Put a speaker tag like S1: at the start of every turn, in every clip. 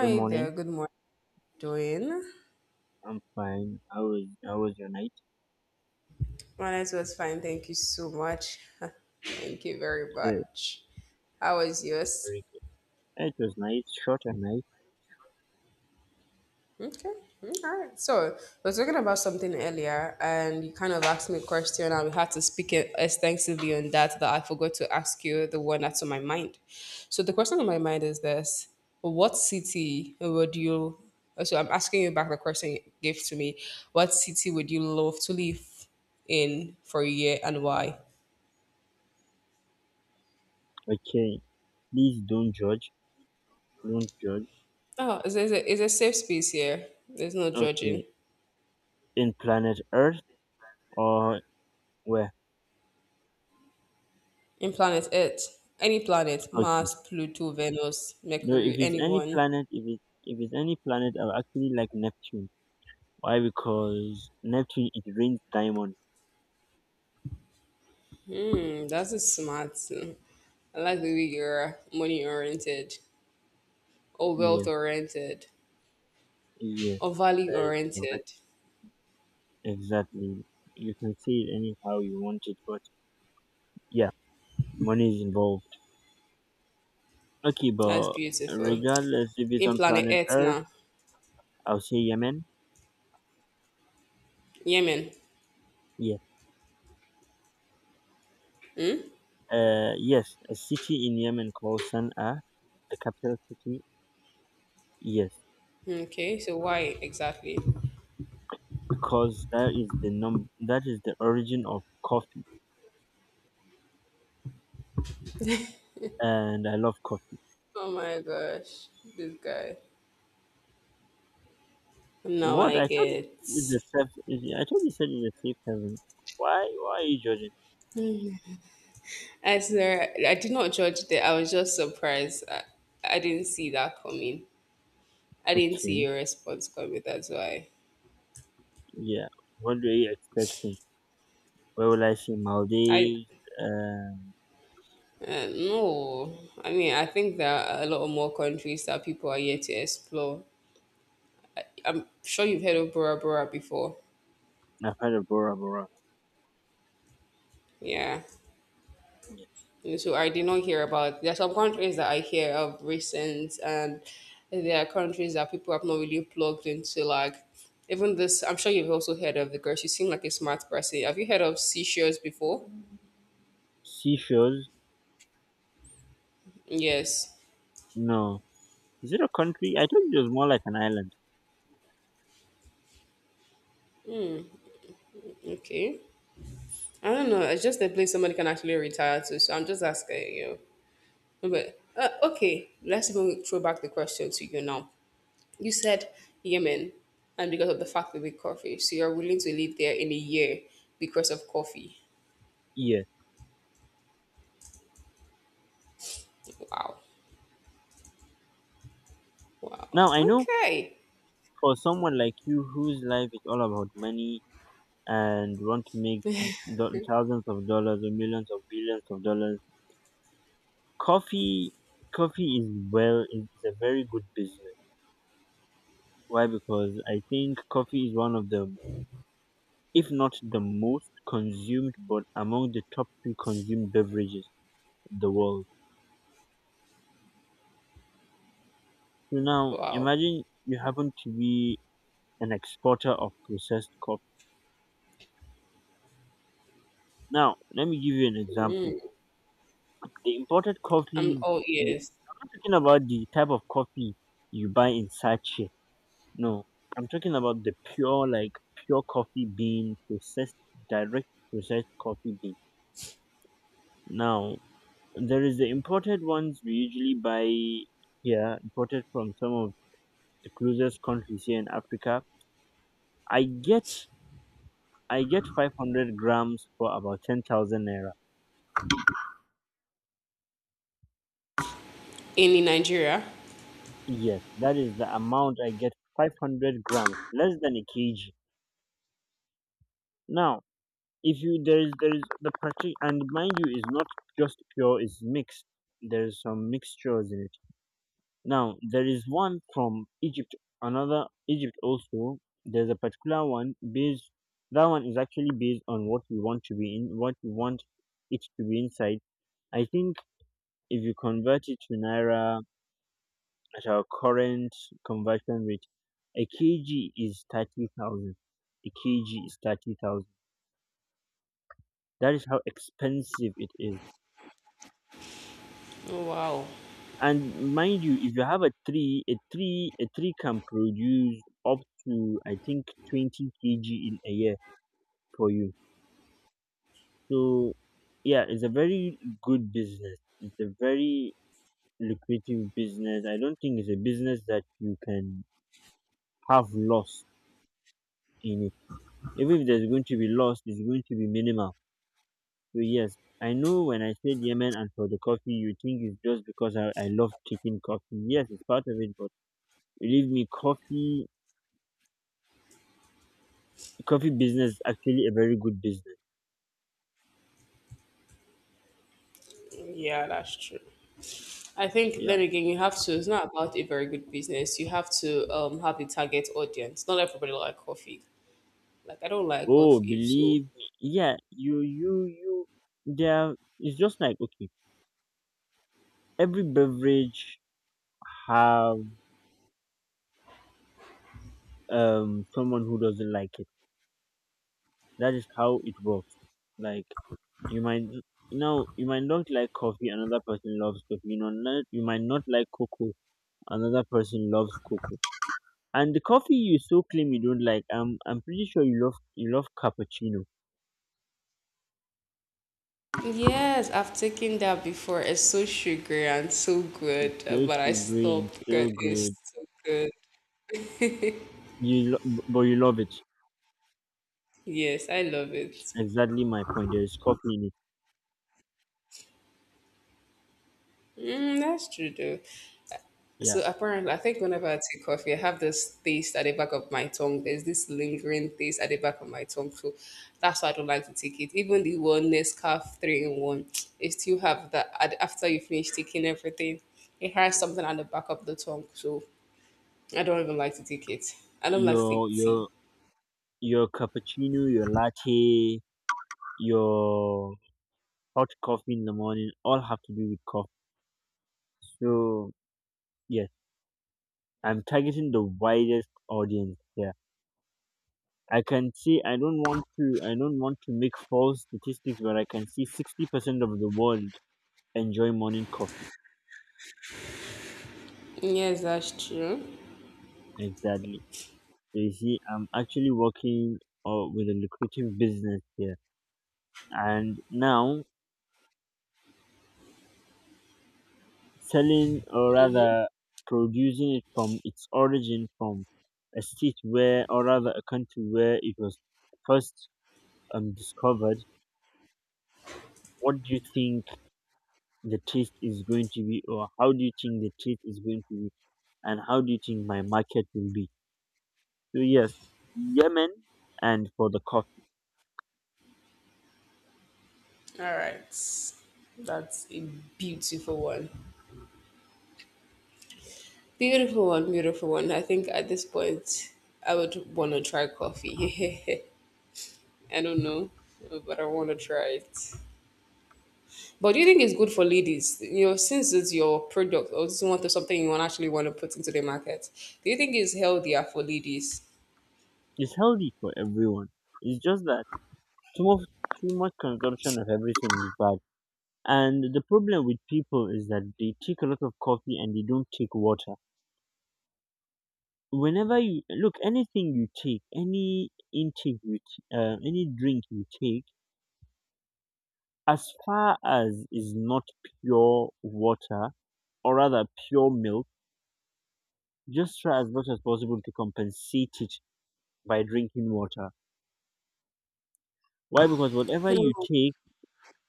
S1: Good morning.
S2: there. Good morning, Doing.
S1: I'm fine. How was your night?
S2: My night was fine. Thank you so much. Thank you very
S1: Good.
S2: much. How was yours?
S1: Very good. It was nice, short and nice.
S2: Okay. Mm, all right. So we were talking about something earlier, and you kind of asked me a question, and we had to speak it extensively on that. That I forgot to ask you the one that's on my mind. So the question on my mind is this: what city would you? So I'm asking you back the question you gave to me. What city would you love to live in for a year, and why?
S1: Okay. Please don't judge. Don't judge.
S2: Oh, it's a safe space here. There's no
S1: Okay.
S2: judging.
S1: In planet Earth or where?
S2: In planet Earth, any planet,
S1: Okay.
S2: Mars, Pluto, Venus,
S1: No, if
S2: Mercury,
S1: it's any
S2: anyone.
S1: planet, if it's any planet, I'll actually like Neptune. Why? Because Neptune it rains diamond.
S2: Mm. That's a smart. Mm. I like the way you're money oriented, or wealth
S1: Yes.
S2: oriented,
S1: Yes.
S2: or value
S1: That is correct.
S2: oriented.
S1: Exactly. You can say it anyhow you want it, but yeah, money is involved. Okay,
S2: That's
S1: but
S2: beautiful.
S1: regardless if it's
S2: In
S1: on
S2: planet
S1: planet
S2: Earth
S1: Earth,
S2: now,
S1: I'll say Yemen.
S2: Yemen.
S1: Yeah. Yes, a city in Yemen called Sana'a, the capital city. Yes,
S2: Okay, so why exactly?
S1: because that is the num that is the origin of coffee, and I love coffee.
S2: Oh my gosh, this guy. Now
S1: What
S2: I
S1: I told you is
S2: get.
S1: a safe. Is, I told you said it's a safe haven. Why? Why are you judging?
S2: I swear, I did not judge that. I was just surprised. I didn't see that coming. I didn't see
S1: Okay.
S2: your response coming. That's why.
S1: Yeah. What do you expecting? Where will I see
S2: I
S1: Maldives? Um,
S2: No. I mean, I think there are a lot of more countries that people are yet to explore. I'm sure you've heard of Bora Bora before.
S1: I've heard of Bora Bora.
S2: Yeah.
S1: Yeah.
S2: So I did not hear about. There are some countries that I hear of recent, and there are countries that people have not really plugged into. Like even this, I'm sure you've also heard of the girl. She seemed like a smart person. Have you heard of Seychelles before?
S1: Seashores?
S2: Yes.
S1: No. Is it a country? I thought it was more like an island.
S2: Okay. I don't know. It's just a place somebody can actually retire to. So I'm just asking you. But okay, let's even throw back the question to you now. You said Yemen, and because of the fact that we coffee, so you're willing to live there in a year because of coffee.
S1: Yeah.
S2: Wow. Wow.
S1: Now I know
S2: Okay.
S1: for someone like you whose life is all about money and want to make thousands of dollars or millions of billions of dollars, coffee coffee is a very good business. Why? Because I think coffee is one of the if not the most consumed but among the top 3 consumed beverages in the world. So now
S2: Wow.
S1: imagine you happen to be an exporter of processed coffee. Now, let me give you an example.
S2: Mm,
S1: The imported
S2: I'm
S1: coffees,
S2: all ears.
S1: I'm not talking about the type of coffee you buy in sachet. No, I'm talking about the pure, like pure coffee bean, processed, direct processed coffee bean. Now, there is the imported ones we usually buy here, imported from some of the closest countries here in Africa. I get, I get 500 grams for about 10,000 naira.
S2: in Nigeria.
S1: Yes, that is the amount I get, 500 grams, less than a kg. Now, if you there is the parti, and mind you, is not just pure, it's mixed. There is some mixtures in it. Now, there is one from Egypt, another Egypt also. There's a particular one based. That one is actually based on what you want to be in, what you want it to be inside. I think if you convert it to naira, at our current conversion rate, a kg is 30,000. A kg is 30,000. That is how expensive it is.
S2: Oh, wow.
S1: And mind you, if you have a tree, a tree can produce up to, I think, 20 kg in a year for you. So, yeah, it's a very good business. It's a very lucrative business. I don't think it's a business that you can have loss in it. Even if there's going to be loss, it's going to be minimal. So yes, I know when I said Yemen and for the coffee, you think it's just because I love taking coffee. Yes, it's part of it, but believe me, coffee business is actually a very good business.
S2: Yeah, that's true. I think
S1: Yeah.
S2: then again, you have to. It's not about a very good business. You have to have a target audience. Not everybody like coffee. Like I don't like
S1: Oh,
S2: coffee, so
S1: believe me. Yeah, you there it's just like okay, every beverage have someone who doesn't like it. That is how it works. Like you might now you might not like coffee, another person loves coffee. You know, not, you might not like cocoa, another person loves cocoa. And the coffee you so claim you don't like, I'm pretty sure you love cappuccino.
S2: yes, I've taken that before. It's so sugary and so
S1: It's
S2: good,
S1: so
S2: but I
S1: sugary and
S2: stopped
S1: so
S2: because it's
S1: good.
S2: so good.
S1: But you love it.
S2: Yes, I love it.
S1: Exactly my point. There is coffee in it.
S2: Mm, that's true though. So
S1: Yeah.
S2: apparently, I think whenever I take coffee, I have this taste at the back of my tongue. There's this lingering taste at the back of my tongue, so that's why I don't like to take it. Even the one Nescafe three in one, it still have that. After you finish taking everything, it has something at the back of the tongue. So I don't even like to take it. I don't like to take
S1: Your
S2: tea.
S1: your your cappuccino, your latte, your hot coffee in the morning all have to do with coffee. So yes, I'm targeting the widest audience here. I can see I don't want to make false statistics where I can see 60% of the world enjoy morning coffee.
S2: Yes, that's true.
S1: Exactly. So you see, I'm actually working with a lucrative business here, and now selling or rather producing it from its origin, from a state where or rather a country where it was first discovered. What do you think the taste is going to be, or how do you think the taste is going to be? And how do you think my market will be? So yes, Yemen and for the coffee.
S2: All right, that's a beautiful one. Beautiful one, beautiful one. I think at this point, I would want to try coffee. I don't know, but I want to try it. But do you think it's good for ladies? You know, since it's your product or it's one something you want actually want to put into the market, do you think it's healthier for ladies?
S1: Is healthy for everyone. It's just that too much, too much consumption of everything is bad. And the problem with people is that they take a lot of coffee and they don't take water. Whenever you look, anything you take, any drink you take, as far as is not pure water or rather pure milk, just try as much as possible to compensate it by drinking water. Why? Because whatever you
S2: Hmm.
S1: take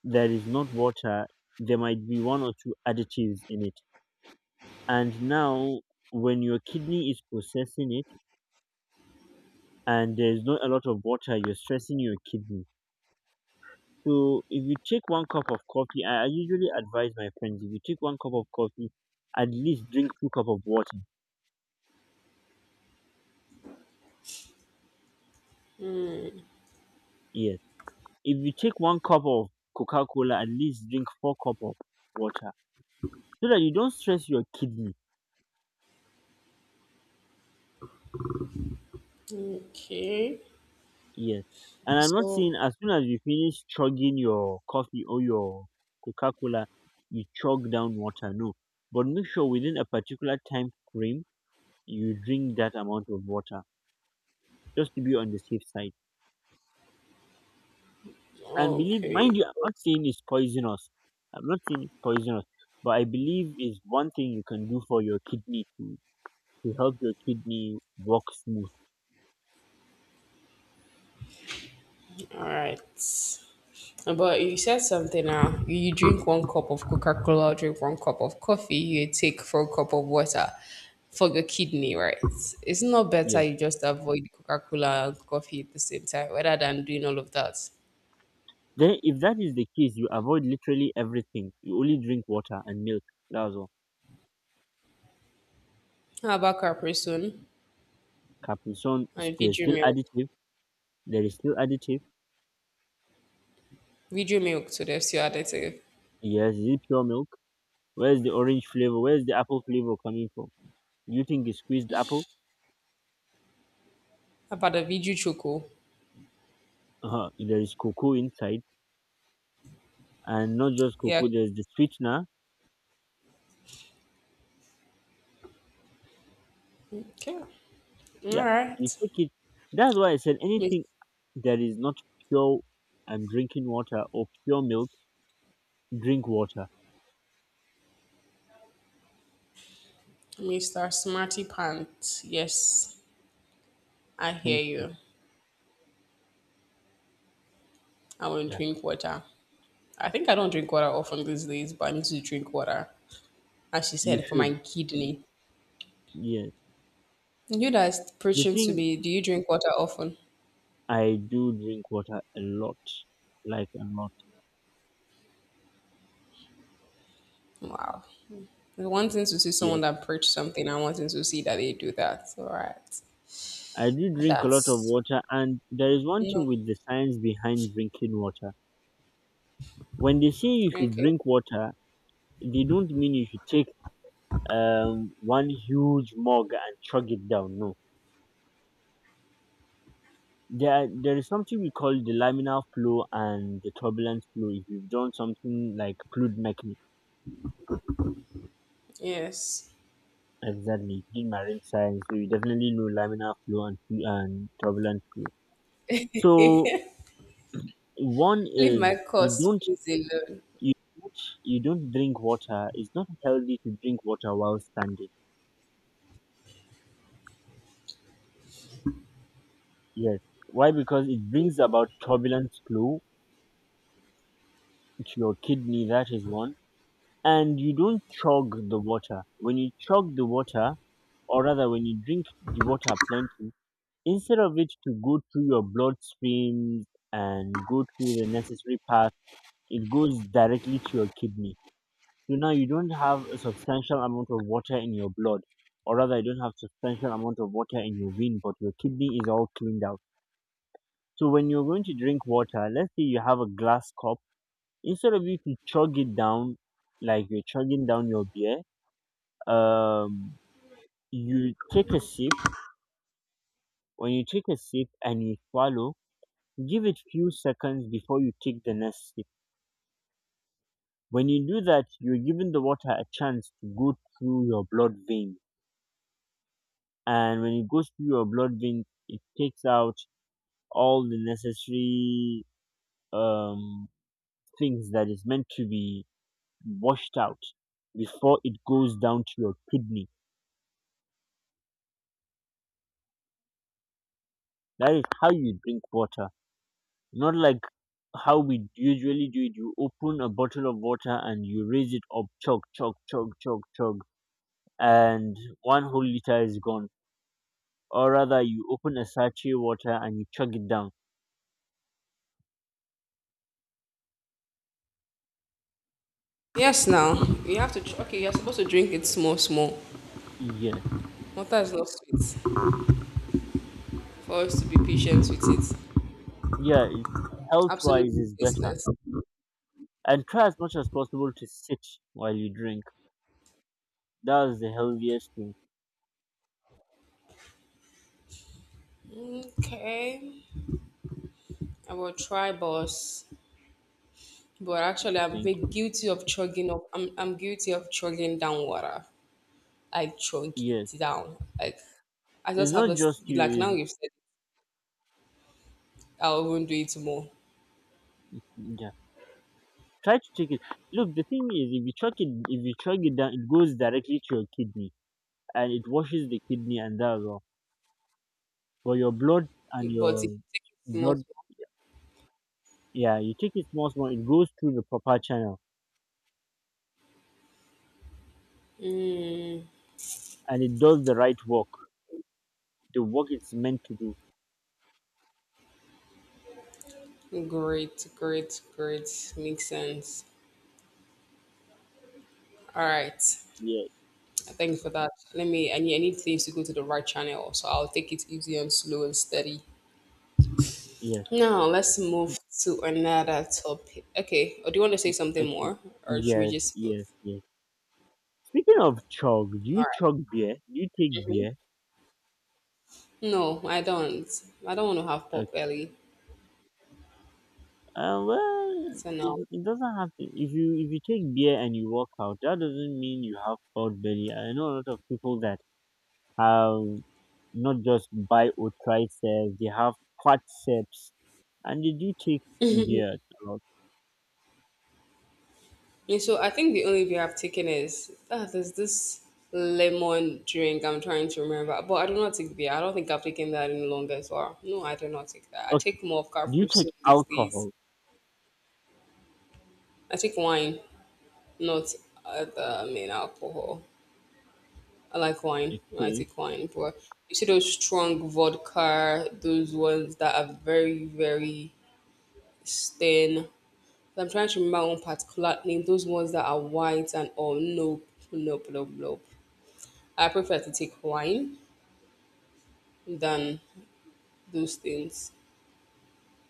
S1: that is not water, there might be 1 or 2 additives in it. And now, when your kidney is processing it and there's not a lot of water, you're stressing your kidney. So, if you take one cup of coffee, I usually advise my friends if you take one cup of coffee, at least drink two cup of water. Yes. If you take one cup of Coca Cola, at least drink four cup of water so that you don't stress your kidney.
S2: Okay.
S1: Yes. And I'm not saying
S2: So,
S1: as soon as you finish chugging your coffee or your Coca Cola, you chug down water. No. But make sure within a particular time frame, you drink that amount of water just to be on the safe side. And believe, mind
S2: okay.
S1: you, I'm not saying it's poisonous. I'm not saying it's poisonous. But I believe is one thing you can do for your kidney to help your kidney work smooth.
S2: All right. But you said something now. You drink one cup of Coca Cola, drink one cup of coffee, you take four cup of water for your kidney, right? It's not better
S1: Yes.
S2: you just avoid Coca Cola and coffee at the same time rather than doing all of that.
S1: Then, if that is the case, you avoid literally everything. You only drink water and milk. That's all.
S2: How about Capricorn
S1: Capri-Sun, is
S2: and
S1: there's
S2: Viju
S1: still
S2: milk?
S1: additive. There is still additive.
S2: Viju milk to the still additive.
S1: Yes, is it pure milk? Where's the orange flavor? Where's the apple flavor coming from? You think it's squeezed apple?
S2: How about the Viju choco?
S1: Uh-huh. There is cocoa inside, and not just
S2: Yeah.
S1: cocoa. There's the sweetener.
S2: Okay. All
S1: Yeah, you
S2: right.
S1: take it. That's why I said
S2: Mis-
S1: anything that is not pure and drinking water or pure milk, drink water.
S2: Mr. Smarty Pants. Yes, I hear
S1: Thank you.
S2: you. I will
S1: Yeah,
S2: drink water. I think I don't drink water often these days, but I need to drink water. As she
S1: you
S2: said, for my
S1: should.
S2: kidney.
S1: Yes,
S2: You that's
S1: the
S2: preaching to
S1: thing
S2: me, do you drink water often?
S1: I do drink water a lot, like a lot.
S2: Wow. It's one thing to see
S1: Yes.
S2: someone that preach something, I wanting to see that they do that. All right.
S1: I do drink a lot of
S2: That's
S1: water, and there is one thing
S2: no.
S1: with the science behind drinking water. When they say you should
S2: Okay.
S1: drink water, they don't mean you should take one huge mug and chug it down. No, there there is something we call the laminar flow and the turbulent flow. If you've done something like fluid mechanics,
S2: Yes.
S1: exactly in marine science, so you definitely know laminar flow and turbulent flow.
S2: Leave
S1: So one is
S2: my course, please alone.
S1: you don't, you don't drink water. It's not healthy to drink water while standing. Yes. Why? Because it brings about turbulence flow to your kidney. That is one. And you don't chug the water. When you chug the water, or rather, when you drink the water plenty, instead of it to go through your blood streams and go through the necessary path, it goes directly to your kidney. So now you don't have a substantial amount of water in your blood, or rather, you don't have substantial amount of water in your vein, but your kidney is all cleaned out. So when you're going to drink water, let's say you have a glass cup, instead of you to chug it down like you're chugging down your beer, um, you take a sip. When you take a sip and you swallow, give it few seconds before you take the next sip. When you do that, you're giving the water a chance to go through your blood vein, and when it goes through your blood vein it takes out all the necessary um things that is meant to be washed out before it goes down to your kidney. That is how you drink water, not like how we usually do it. You open a bottle of water and you raise it up, chug chug chug chug chug, and one whole liter is gone, or rather you open a sachet water and you chug it down.
S2: Yes, now you have to. Okay, you're supposed to drink it small, small.
S1: Yeah,
S2: Water is not sweet. For us to be patient with it,
S1: yeah, health wise
S2: absolutely
S1: is better,
S2: tasteless.
S1: and try as much as possible to sit while you drink. That's the healthiest thing to
S2: Okay. I will try, boss. But actually, I'm
S1: think.
S2: very guilty of chugging up. I'm guilty of chugging down water. I chug
S1: Yes,
S2: it down. Like, I
S1: it's
S2: just have
S1: not
S2: this,
S1: just you.
S2: like, now
S1: It's,
S2: you've said it, I won't do it more.
S1: yeah, try to take it. Look, the thing is, if you chuck it, if you chug it down, it goes directly to your kidney, and it washes the kidney, and that's all. But your blood and
S2: But if you
S1: your
S2: take it more,
S1: blood, yeah, you take it small, small. It goes through the proper channel, and it does the right work, the work it's meant to do.
S2: great, great, great. Makes sense. All right.
S1: Yeah,
S2: Thank you for that. Let me, I need things to go to the right channel. So I'll take it easy and slow and steady.
S1: yes,
S2: Now let's move to another topic. Okay, or do you want to say
S1: y-
S2: something
S1: okay,
S2: more, or should we just move?
S1: yes. Speaking of chug, do
S2: All
S1: you
S2: right.
S1: chug beer? Do you take beer?
S2: No, I don't. I don't want to have
S1: Uh,
S2: pot belly.
S1: well,
S2: So no.
S1: it doesn't have to. If you take beer and you walk out, that doesn't mean you have pot belly. I know a lot of people that have not just buy or try cells, they have quadceps, and they do take beer. A lot.
S2: And so I think the only beer I've taken is there's this lemon drink I'm trying to remember. But I do not take beer. I don't think I've taken that in longer as well. No, I do not take that. I
S1: Okay,
S2: take more of
S1: do you
S2: Carrefour
S1: take
S2: soup these days.
S1: alcohol?
S2: I take wine, not the main alcohol. I like wine. I
S1: Okay,
S2: take wine, but you see those strong vodka, those ones that are very, very stern. I'm trying to remember one particular name, those ones that are white and all. Nope, nope, nope, nope. I prefer to take wine than those things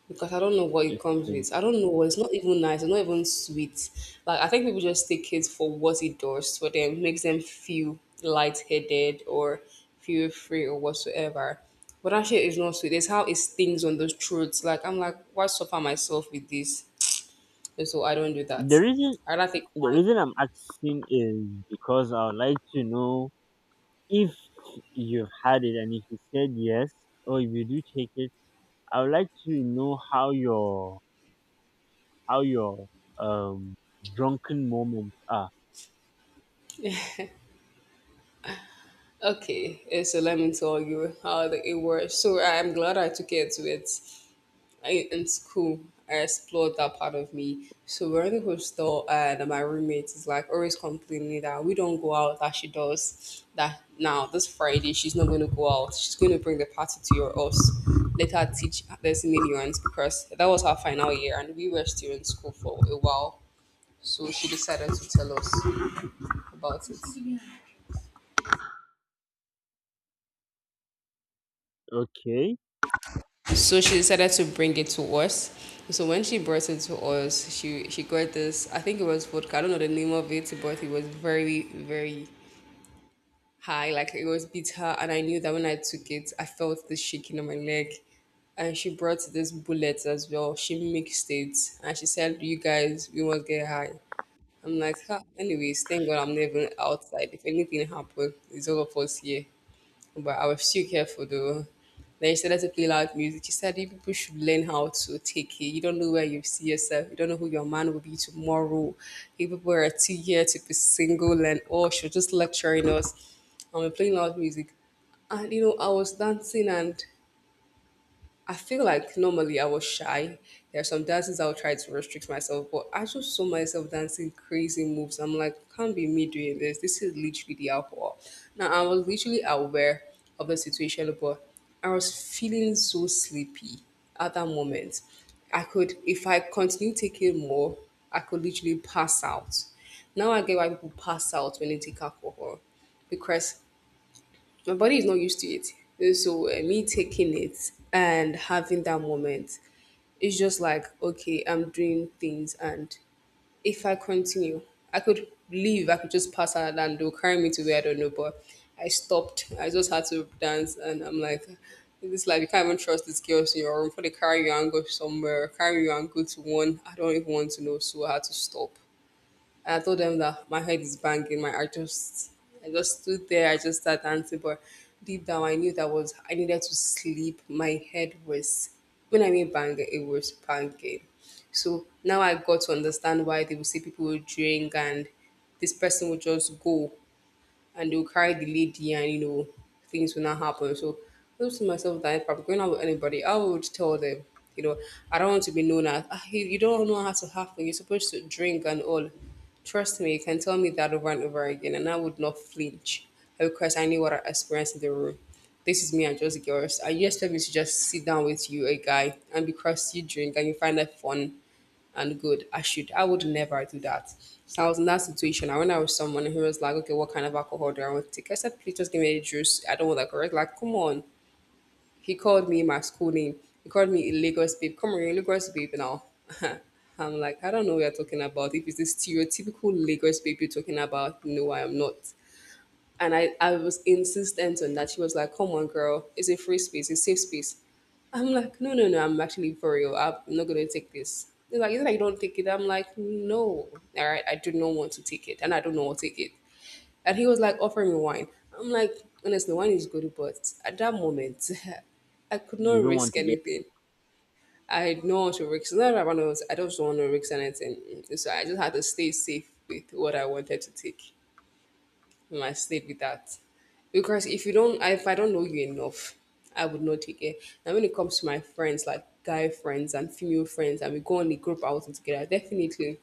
S2: because I don't know what it comes
S1: okay.
S2: with. I don't know. It's not even nice. It's not even sweet. Like I think people just take it for what it does for them, makes them feel lightheaded or feel free or whatsoever. But that shit is not sweet. It's how it stings on those throats. Like I'm like, why suffer myself with this? And so I don't do that.
S1: The reason
S2: I rather take
S1: the
S2: wine.
S1: reason I'm asking is because I would like to know if you've had it and if you said yes or if you do take it, I would like to know how your how your um drunken moments are.
S2: Okay, so let me tell you how it works. So I'm glad I took it in school. I explored that part of me. So we're in the hostel, and my roommate is like always complaining that we don't go out, that she does. That now this Friday she's not going to go out. She's going to bring the party to your house. Let her teach this millions because that was her final year, and we were still in school for a while. So she decided to tell us about it.
S1: Okay.
S2: So she decided to bring it to us. So when she brought it to us, she got this. I think it was vodka. I don't know the name of it, but it was very very high. Like it was bitter, and I knew that when I took it, I felt the shaking on my leg. And she brought this bullet as well. She mixed it, and she said, "You guys, we must get high." I'm like, "Ah, anyways, thank God I'm not even outside. If anything happened, it's all of us here but I was still careful though. Then she started to play loud music. She said, "You people should learn how to take it. You don't know where you see yourself. You don't know who your man will be tomorrow. You people are too here to be single and oh, she was just lecturing us. And we're playing loud music. And you know, I was dancing and I feel like normally I was shy. There are some dances I'll try to restrict myself, but I just saw myself dancing crazy moves. I'm like, can't be me doing this. This is literally the alcohol. Now I was literally aware of the situation, but I was feeling so sleepy at that moment. If I continue taking more, I could literally pass out. Now I get why people pass out when they take alcohol because my body is not used to it. So me taking it and having that moment, it's just like okay, I'm doing things, and if I continue, I could leave. I could just pass out and they'll carry me to where I don't know. But I stopped. I just had to dance, and I'm like. It's like you can't even trust these girls in your room. For they carry you and go somewhere, carry you and go to one. I don't even want to know, so I had to stop. I told them that my head is banging. My I just stood there. I just started dancing, but deep down I knew that was I needed to sleep. My head was when I mean banging, it was banging. So now I got to understand why they would say people will drink and this person would just go and they'll carry the lady and you know things will not happen. So I was to myself that if I'm going out with anybody, I would tell them, you know, I don't want to be known as "Ah, you don't know how to have fun. You're supposed to drink and all." Trust me, you can tell me that over and over again, and I would not flinch because I knew what I experienced in the room. This is me and just girls. I just tell me to just sit down with you, a guy, and because you drink and you find that fun, and good. I would never do that. So I was in that situation. I went out with someone who was like, okay, what kind of alcohol do I want to take? I said, please just give me a juice. I don't want that correct. Like, come on. He called me my school name. He called me a Lagos babe. Come on, you're a Lagos babe now. I'm like, I don't know what you're talking about. If it's the stereotypical Lagos babe you're talking about, no, I am not. And I was insistent on that. She was like, come on, girl. It's a free space. It's a safe space. I'm like, no, no, no, I'm actually for real. I'm not gonna take this. They're like, it's like you don't take it. I'm like, no, all right, I do not want to take it, and I don't know what take it. And he was like, offer me wine. I'm like, honestly, wine is good, but at that moment, I could
S1: You
S2: not
S1: don't want
S2: risk
S1: to get
S2: anything. I don't want to risk. Not that I want to. I just don't want to risk anything. So I just had to stay safe with what I wanted to take and I stayed with that. Because if I don't know you enough, I would not take it. And when it comes to my friends, like guy friends and female friends, and we go on a group outing together, definitely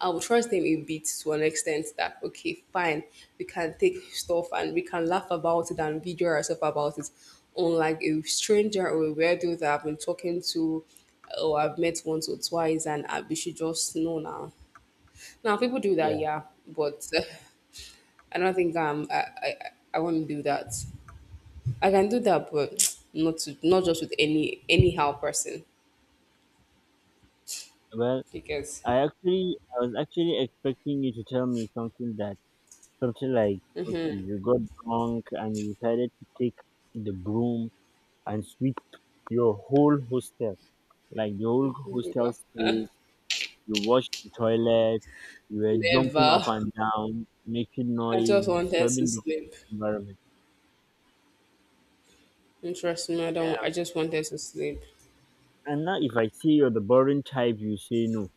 S2: I will trust them a bit to an extent that okay, fine, we can take stuff and we can laugh about it and video ourselves about it. Unlike a stranger or a weirdo that I've been talking to or I've met once or twice and I, we should just know now. Now people do that,
S1: yeah.
S2: yeah, but I don't think I want to do that. I can do that, but not just with anyhow person
S1: Well,
S2: because
S1: I was actually expecting you to tell me something that something like okay, you got drunk and you decided to take the broom and sweep your whole hostel. Like the whole hostel space. You rushed the toilet. You were jumping
S2: never.
S1: up and down, making
S2: I
S1: noise,
S2: just wanted to
S1: disturbing the whole
S2: sleep.
S1: environment.
S2: And trust me, I don't.
S1: Yeah.
S2: I just wanted to sleep.
S1: And now, if I see you're the boring type, you say no.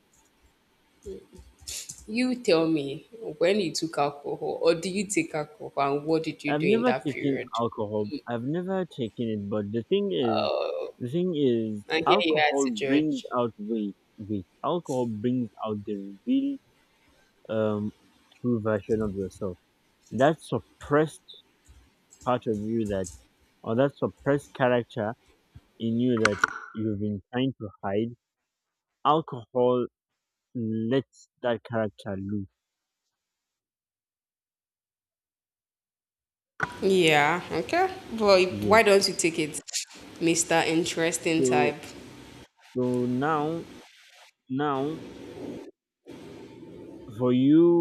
S2: You tell me when you took alcohol, or do you take alcohol, and what did you
S1: I've
S2: do in
S1: never
S2: that
S1: taken
S2: period?
S1: alcohol. I've never taken it. But the thing is,
S2: And here you are
S1: alcohol
S2: to
S1: brings
S2: judge.
S1: out weight. Weight. Alcohol brings out the real, um, true version of yourself. That suppressed part of you that, or that suppressed character in you that you've been trying to hide, alcohol lets that character loose.
S2: Yeah, okay. Well,
S1: Yeah.
S2: why don't you take it, Mister Interesting
S1: So
S2: Type?
S1: so now for you,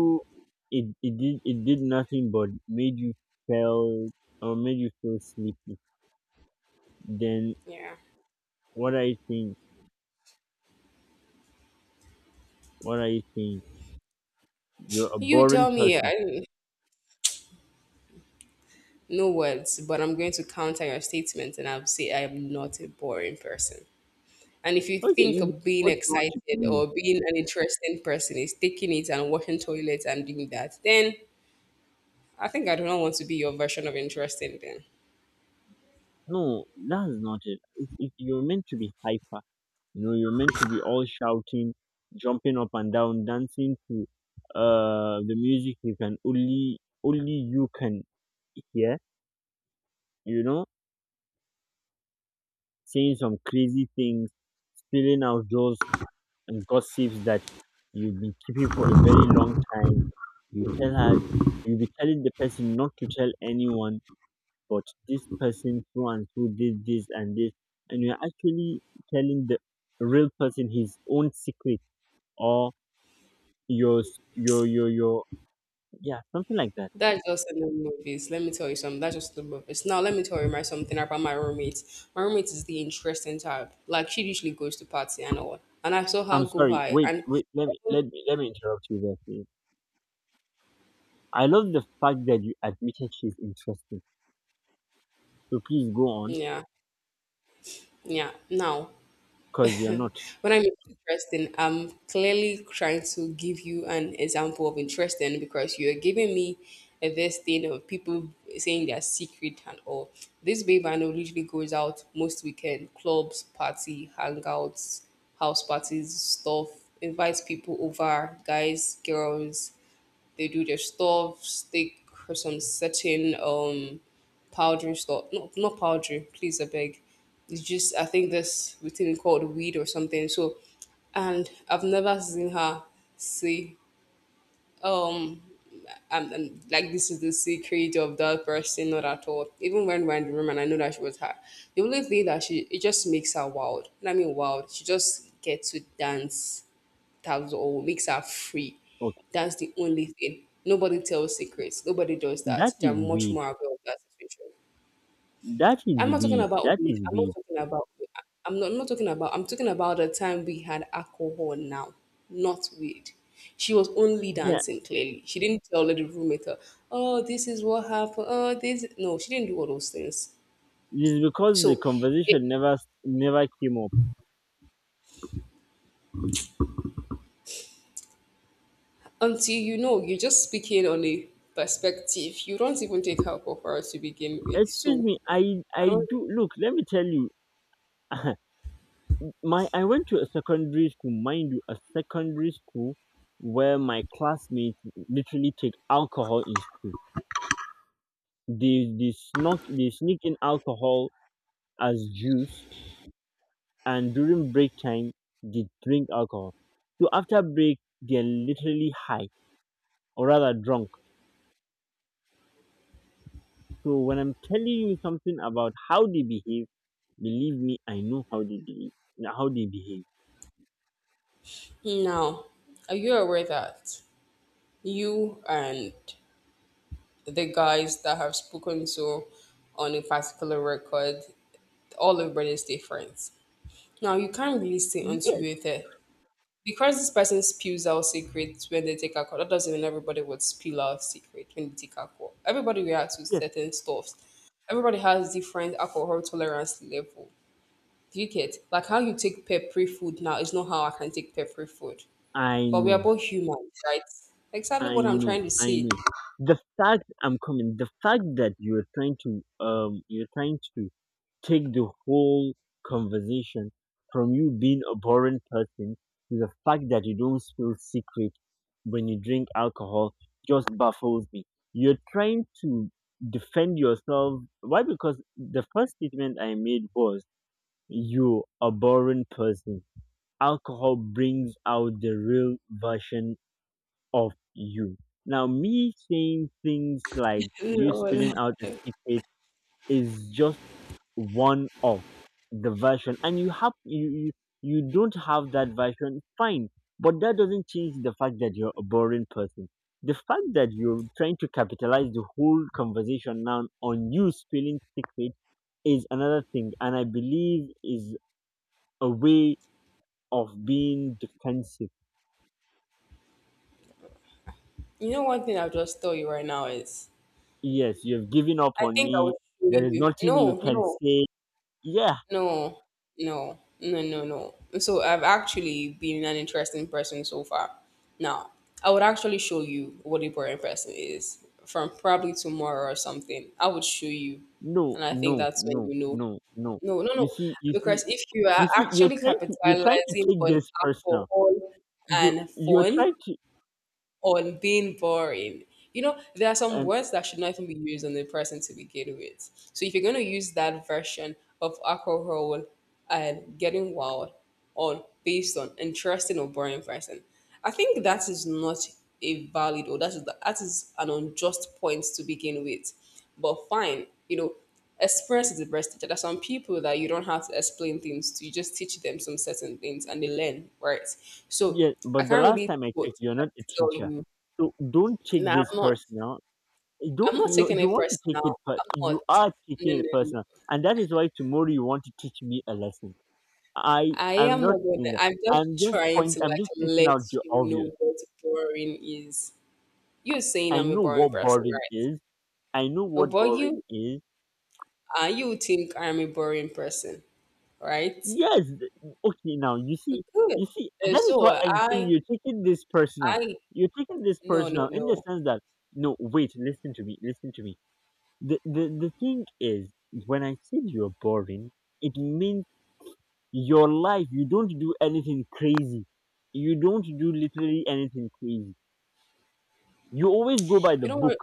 S1: it did nothing but made you feel, or made you feel sleepy. Then
S2: Yeah.
S1: what are you saying? What are you saying? You're a
S2: You
S1: boring
S2: tell me.
S1: person.
S2: I, no words, but I'm going to counter your statement and I'll say I am not a boring person. And if you
S1: Okay,
S2: think
S1: you be
S2: of being
S1: what you want to
S2: excited
S1: be.
S2: or being an interesting person is taking it and washing toilets and doing that, then I think I do not want to be your version of interesting then.
S1: No, that's not it. You're meant to be hyper. You know, you're meant to be all shouting, jumping up and down, dancing to the music you can only you can hear, you know, saying some crazy things, spilling out those and gossips that you've been keeping for a very long time. You tell her, you'll be telling the person not to tell anyone, but this person so and so did this and this, and you're actually telling the real person his own secret, or your s- your yeah, something like that.
S2: That's just in the movies. Let me tell you something. That's just in the movies. Now let me tell you my something about my roommate. My roommate is the interesting type. Like she usually goes to party and all. And I saw
S1: I'm
S2: her go
S1: sorry,
S2: high
S1: wait
S2: and
S1: wait let me interrupt you there please. I love the fact that you admitted she's interesting, so please go on.
S2: yeah, yeah. Now
S1: Because you're not.
S2: when I mean interesting, I'm clearly trying to give you an example of interesting because you're giving me a this thing of people saying their secret and all. This babe I know usually goes out most weekend, clubs, party, hangouts, house parties, stuff, invites people over, guys, girls, they do their stuffs, they for some certain powdery stuff. No, not powdery, please, I beg. It's just I think this thing called weed or something. So, and I've never seen her say um and like this is the secret of that person, not at all, even when we're in the room and I know that she was her the only thing that she it just makes her wild, and I mean wild, she just gets to dance tabs or makes her free.
S1: Okay,
S2: That's the only thing. Nobody tells secrets. Nobody does that.
S1: that
S2: They're
S1: is
S2: much
S1: weird.
S2: more aware of that situation.
S1: that is
S2: I'm not talking
S1: weird that
S2: about weed.
S1: is
S2: I'm not
S1: weird
S2: talking about. I'm not talking about. I'm talking about the time we had alcohol now, not weed. She was only
S1: Yeah,
S2: dancing. Clearly, she didn't tell the roommate, "Oh, this is what happened. Oh, this." No, she didn't do all those things.
S1: it's because the
S2: So, it,
S1: conversation never came up.
S2: until you know, you're just speaking on a perspective. You don't even take alcohol to begin with.
S1: Excuse
S2: So,
S1: me, i
S2: I
S1: i
S2: don't
S1: do. Look, let me tell you, my, I went to a secondary school, mind you, a secondary school where my classmates literally take alcohol in school. They sneak in alcohol as juice, and during break time they drink alcohol. So after break they're literally high, or rather drunk. So when I'm telling you something about how they behave, believe me, I know how they behave. How they behave.
S2: now. Are you aware that you and the guys that have spoken to on a particular record, all everybody's different. Now you can't really say until
S1: Yes,
S2: you're there. Because this person spews out secrets when they take a call, that doesn't mean everybody would spill out secret when they take a call. Everybody reacts to
S1: yes,
S2: certain stuff. Everybody has different alcohol tolerance level. Do you get? Like how you take peppery food now is not how I can take peppery food.
S1: I
S2: But we are
S1: know.
S2: both humans, right? Exactly
S1: I
S2: what I'm
S1: know,
S2: trying to
S1: I
S2: say.
S1: know. The fact I'm coming, the fact that you're trying to take the whole conversation from you being a boring person to the fact that you don't feel secret when you drink alcohol just baffles me. You're trying to defend yourself. Why? Because the first statement I made was you're a boring person. Alcohol brings out the real version of you. Now, me saying things like you
S2: Lol.
S1: spilling out a secret is just one of the version, and you, you don't have that version, fine. But that doesn't change the fact that you're a boring person. The fact that you're trying to capitalize the whole conversation now on you spilling secret is another thing, and I believe is a way of being defensive.
S2: You know, one thing I'll just tell you right now is
S1: Yes, you've given up
S2: I
S1: on
S2: think I
S1: me.
S2: will show
S1: There is
S2: you.
S1: nothing you
S2: No,
S1: can
S2: no,
S1: say. Yeah,
S2: no, no, no, no, no. So I've actually been an interesting person so far. Now, I would actually show you what a boring person is from probably tomorrow or something. I would show you.
S1: no,
S2: And I think
S1: no,
S2: that's when
S1: no,
S2: you know.
S1: no, no.
S2: No, no,
S1: You
S2: no.
S1: see, you see,
S2: Because if you
S1: you
S2: are
S1: see, you're
S2: actually
S1: trying to
S2: capitalizing
S1: take
S2: on
S1: this personal.
S2: alcohol
S1: You
S2: and
S1: you're
S2: fun,
S1: trying to
S2: on being boring. You know, there are some
S1: um
S2: words that should not even be used on the person to begin with. So if you're going to use that version of alcohol and getting wild, on based on interesting or boring person. I think that is not a valid or that is an unjust point to begin with. But fine, you know, experience is the best teacher. There are some people that you don't have to explain things to, you just teach them some certain things and they learn, right? So
S1: yeah,
S2: I
S1: but the
S2: can't
S1: last
S2: really
S1: time I
S2: what
S1: checked, you're not a
S2: like, tell
S1: teacher,
S2: you.
S1: so don't take
S2: No, I'm
S1: this
S2: not.
S1: personal.
S2: I'm
S1: Don't
S2: not
S1: you
S2: taking
S1: you
S2: it
S1: want to take
S2: personal.
S1: it, but
S2: I'm not.
S1: you are
S2: No,
S1: taking
S2: no,
S1: it
S2: no.
S1: personal, and that is why tomorrow you want to teach me a lesson. I
S2: I
S1: am
S2: am
S1: not
S2: not gonna.
S1: saying that.
S2: I'm
S1: I'm
S2: just
S1: just
S2: trying
S1: point.
S2: to
S1: I'm
S2: like
S1: just taking
S2: let
S1: out the
S2: you
S1: obvious.
S2: know what boring is. You're saying
S1: I
S2: I'm a
S1: know
S2: boring
S1: what
S2: person,
S1: boring
S2: right?
S1: is. I know what
S2: But
S1: boring
S2: you,
S1: is.
S2: you think I'm a boring person, right?
S1: Yes. Okay. Now you see.
S2: Good.
S1: You see. That is
S2: So
S1: what I'm saying. You're taking this personal.
S2: I,
S1: You're taking this
S2: no, no,
S1: personal in the
S2: no.
S1: sense that no. Wait. Listen to me. Listen to me. The thing is, when I said you're boring, it means your life. You don't do anything crazy. You don't do literally anything crazy. You always go by the
S2: You don't
S1: book.
S2: want,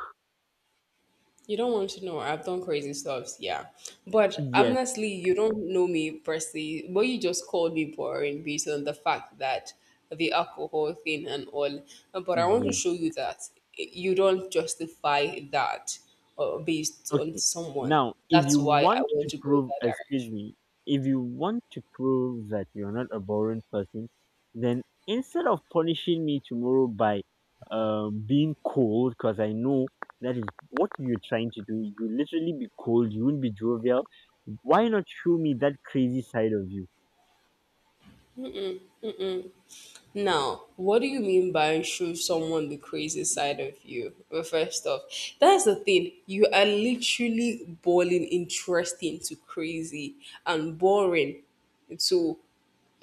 S2: you don't want to know. I've done crazy stuff, yeah. But
S1: Yes.
S2: honestly, you don't know me personally. But you just called me boring based on the fact that the alcohol thing and all. But I want to
S1: Yes.
S2: show you that you don't justify that based on
S1: Okay.
S2: someone.
S1: Now, if
S2: That's
S1: you
S2: why I
S1: want
S2: want
S1: to
S2: to go in
S1: prove,
S2: that
S1: excuse
S2: direction.
S1: me, if you want to prove that you're not a boring person, then instead of punishing me tomorrow by being cold, because I know that is what you're trying to do, you literally be cold, you won't be jovial. Why not show me that crazy side of you?
S2: Now, what do you mean by show someone the crazy side of you? Well, first off, that's the thing. You are literally boiling interesting to crazy and boring. So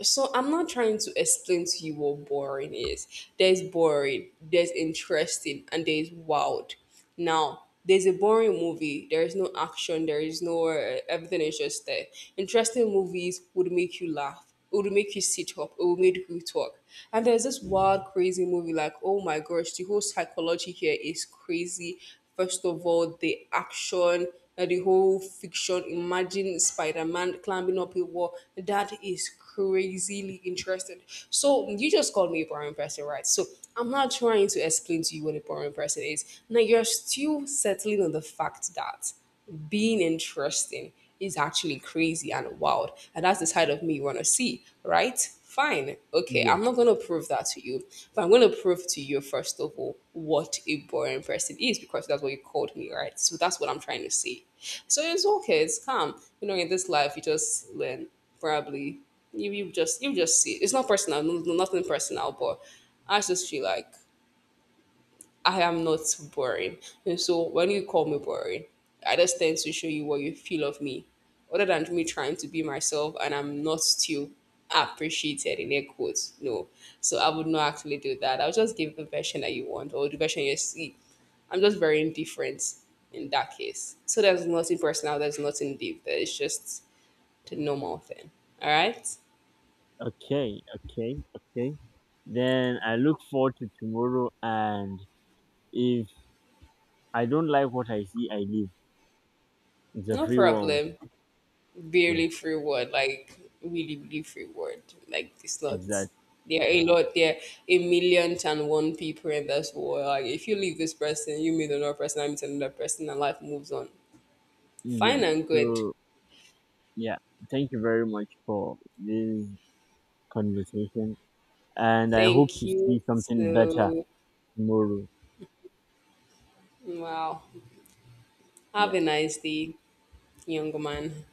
S2: I'm not trying to explain to you what boring is. There's boring, there's interesting, and there's wild. Now, there's a boring movie. There is no action. There is no everything is just there. Interesting movies would make you laugh. It would make you sit up. It would make you talk. And there's this wild, crazy movie. Like, oh my gosh, the whole psychology here is crazy. First of all, the action, the whole fiction. Imagine Spider-Man climbing up a wall. That is crazily interested. So you just called me a boring person, right? So I'm not trying to explain to you what a boring person is. Now you're still settling on the fact that being interesting is actually crazy and wild. And that's the side of me you want to see, right? Fine. Okay,
S1: Yes.
S2: I'm not going to prove that to you, but I'm going to prove to you, first of all, what a boring person is because that's what you called me, right? So that's what I'm trying to say. So it's okay, it's calm. You know, in this life, you just learn probably you just see it. It's not personal. No, nothing personal, but I just feel like I am not boring, and so when you call me boring I just tend to show you what you feel of me other than me trying to be myself and I'm not still appreciated in air quotes. No, so I would not actually do that, I'll just give the version that you want or the version you see. I'm just very indifferent in that case, so there's nothing personal, there's nothing deep there, it's just the normal thing. All right.
S1: Okay. Okay. Then I look forward to tomorrow, and if I don't like what I see, I leave. It's a
S2: No
S1: free world.
S2: problem.
S1: Yeah.
S2: Barely free word, like really, really free word. Like it's not.
S1: Exactly.
S2: There are a lot. There are a million and one people in this world. Like if you leave this person, you meet another person. I meet another person, and life moves on.
S1: Yes.
S2: Fine and good.
S1: So yeah, thank you very much for this conversation, and I hope
S2: Thank
S1: to see
S2: you.
S1: something better
S2: So
S1: tomorrow.
S2: wow. Have
S1: Yeah.
S2: a nice day, young man.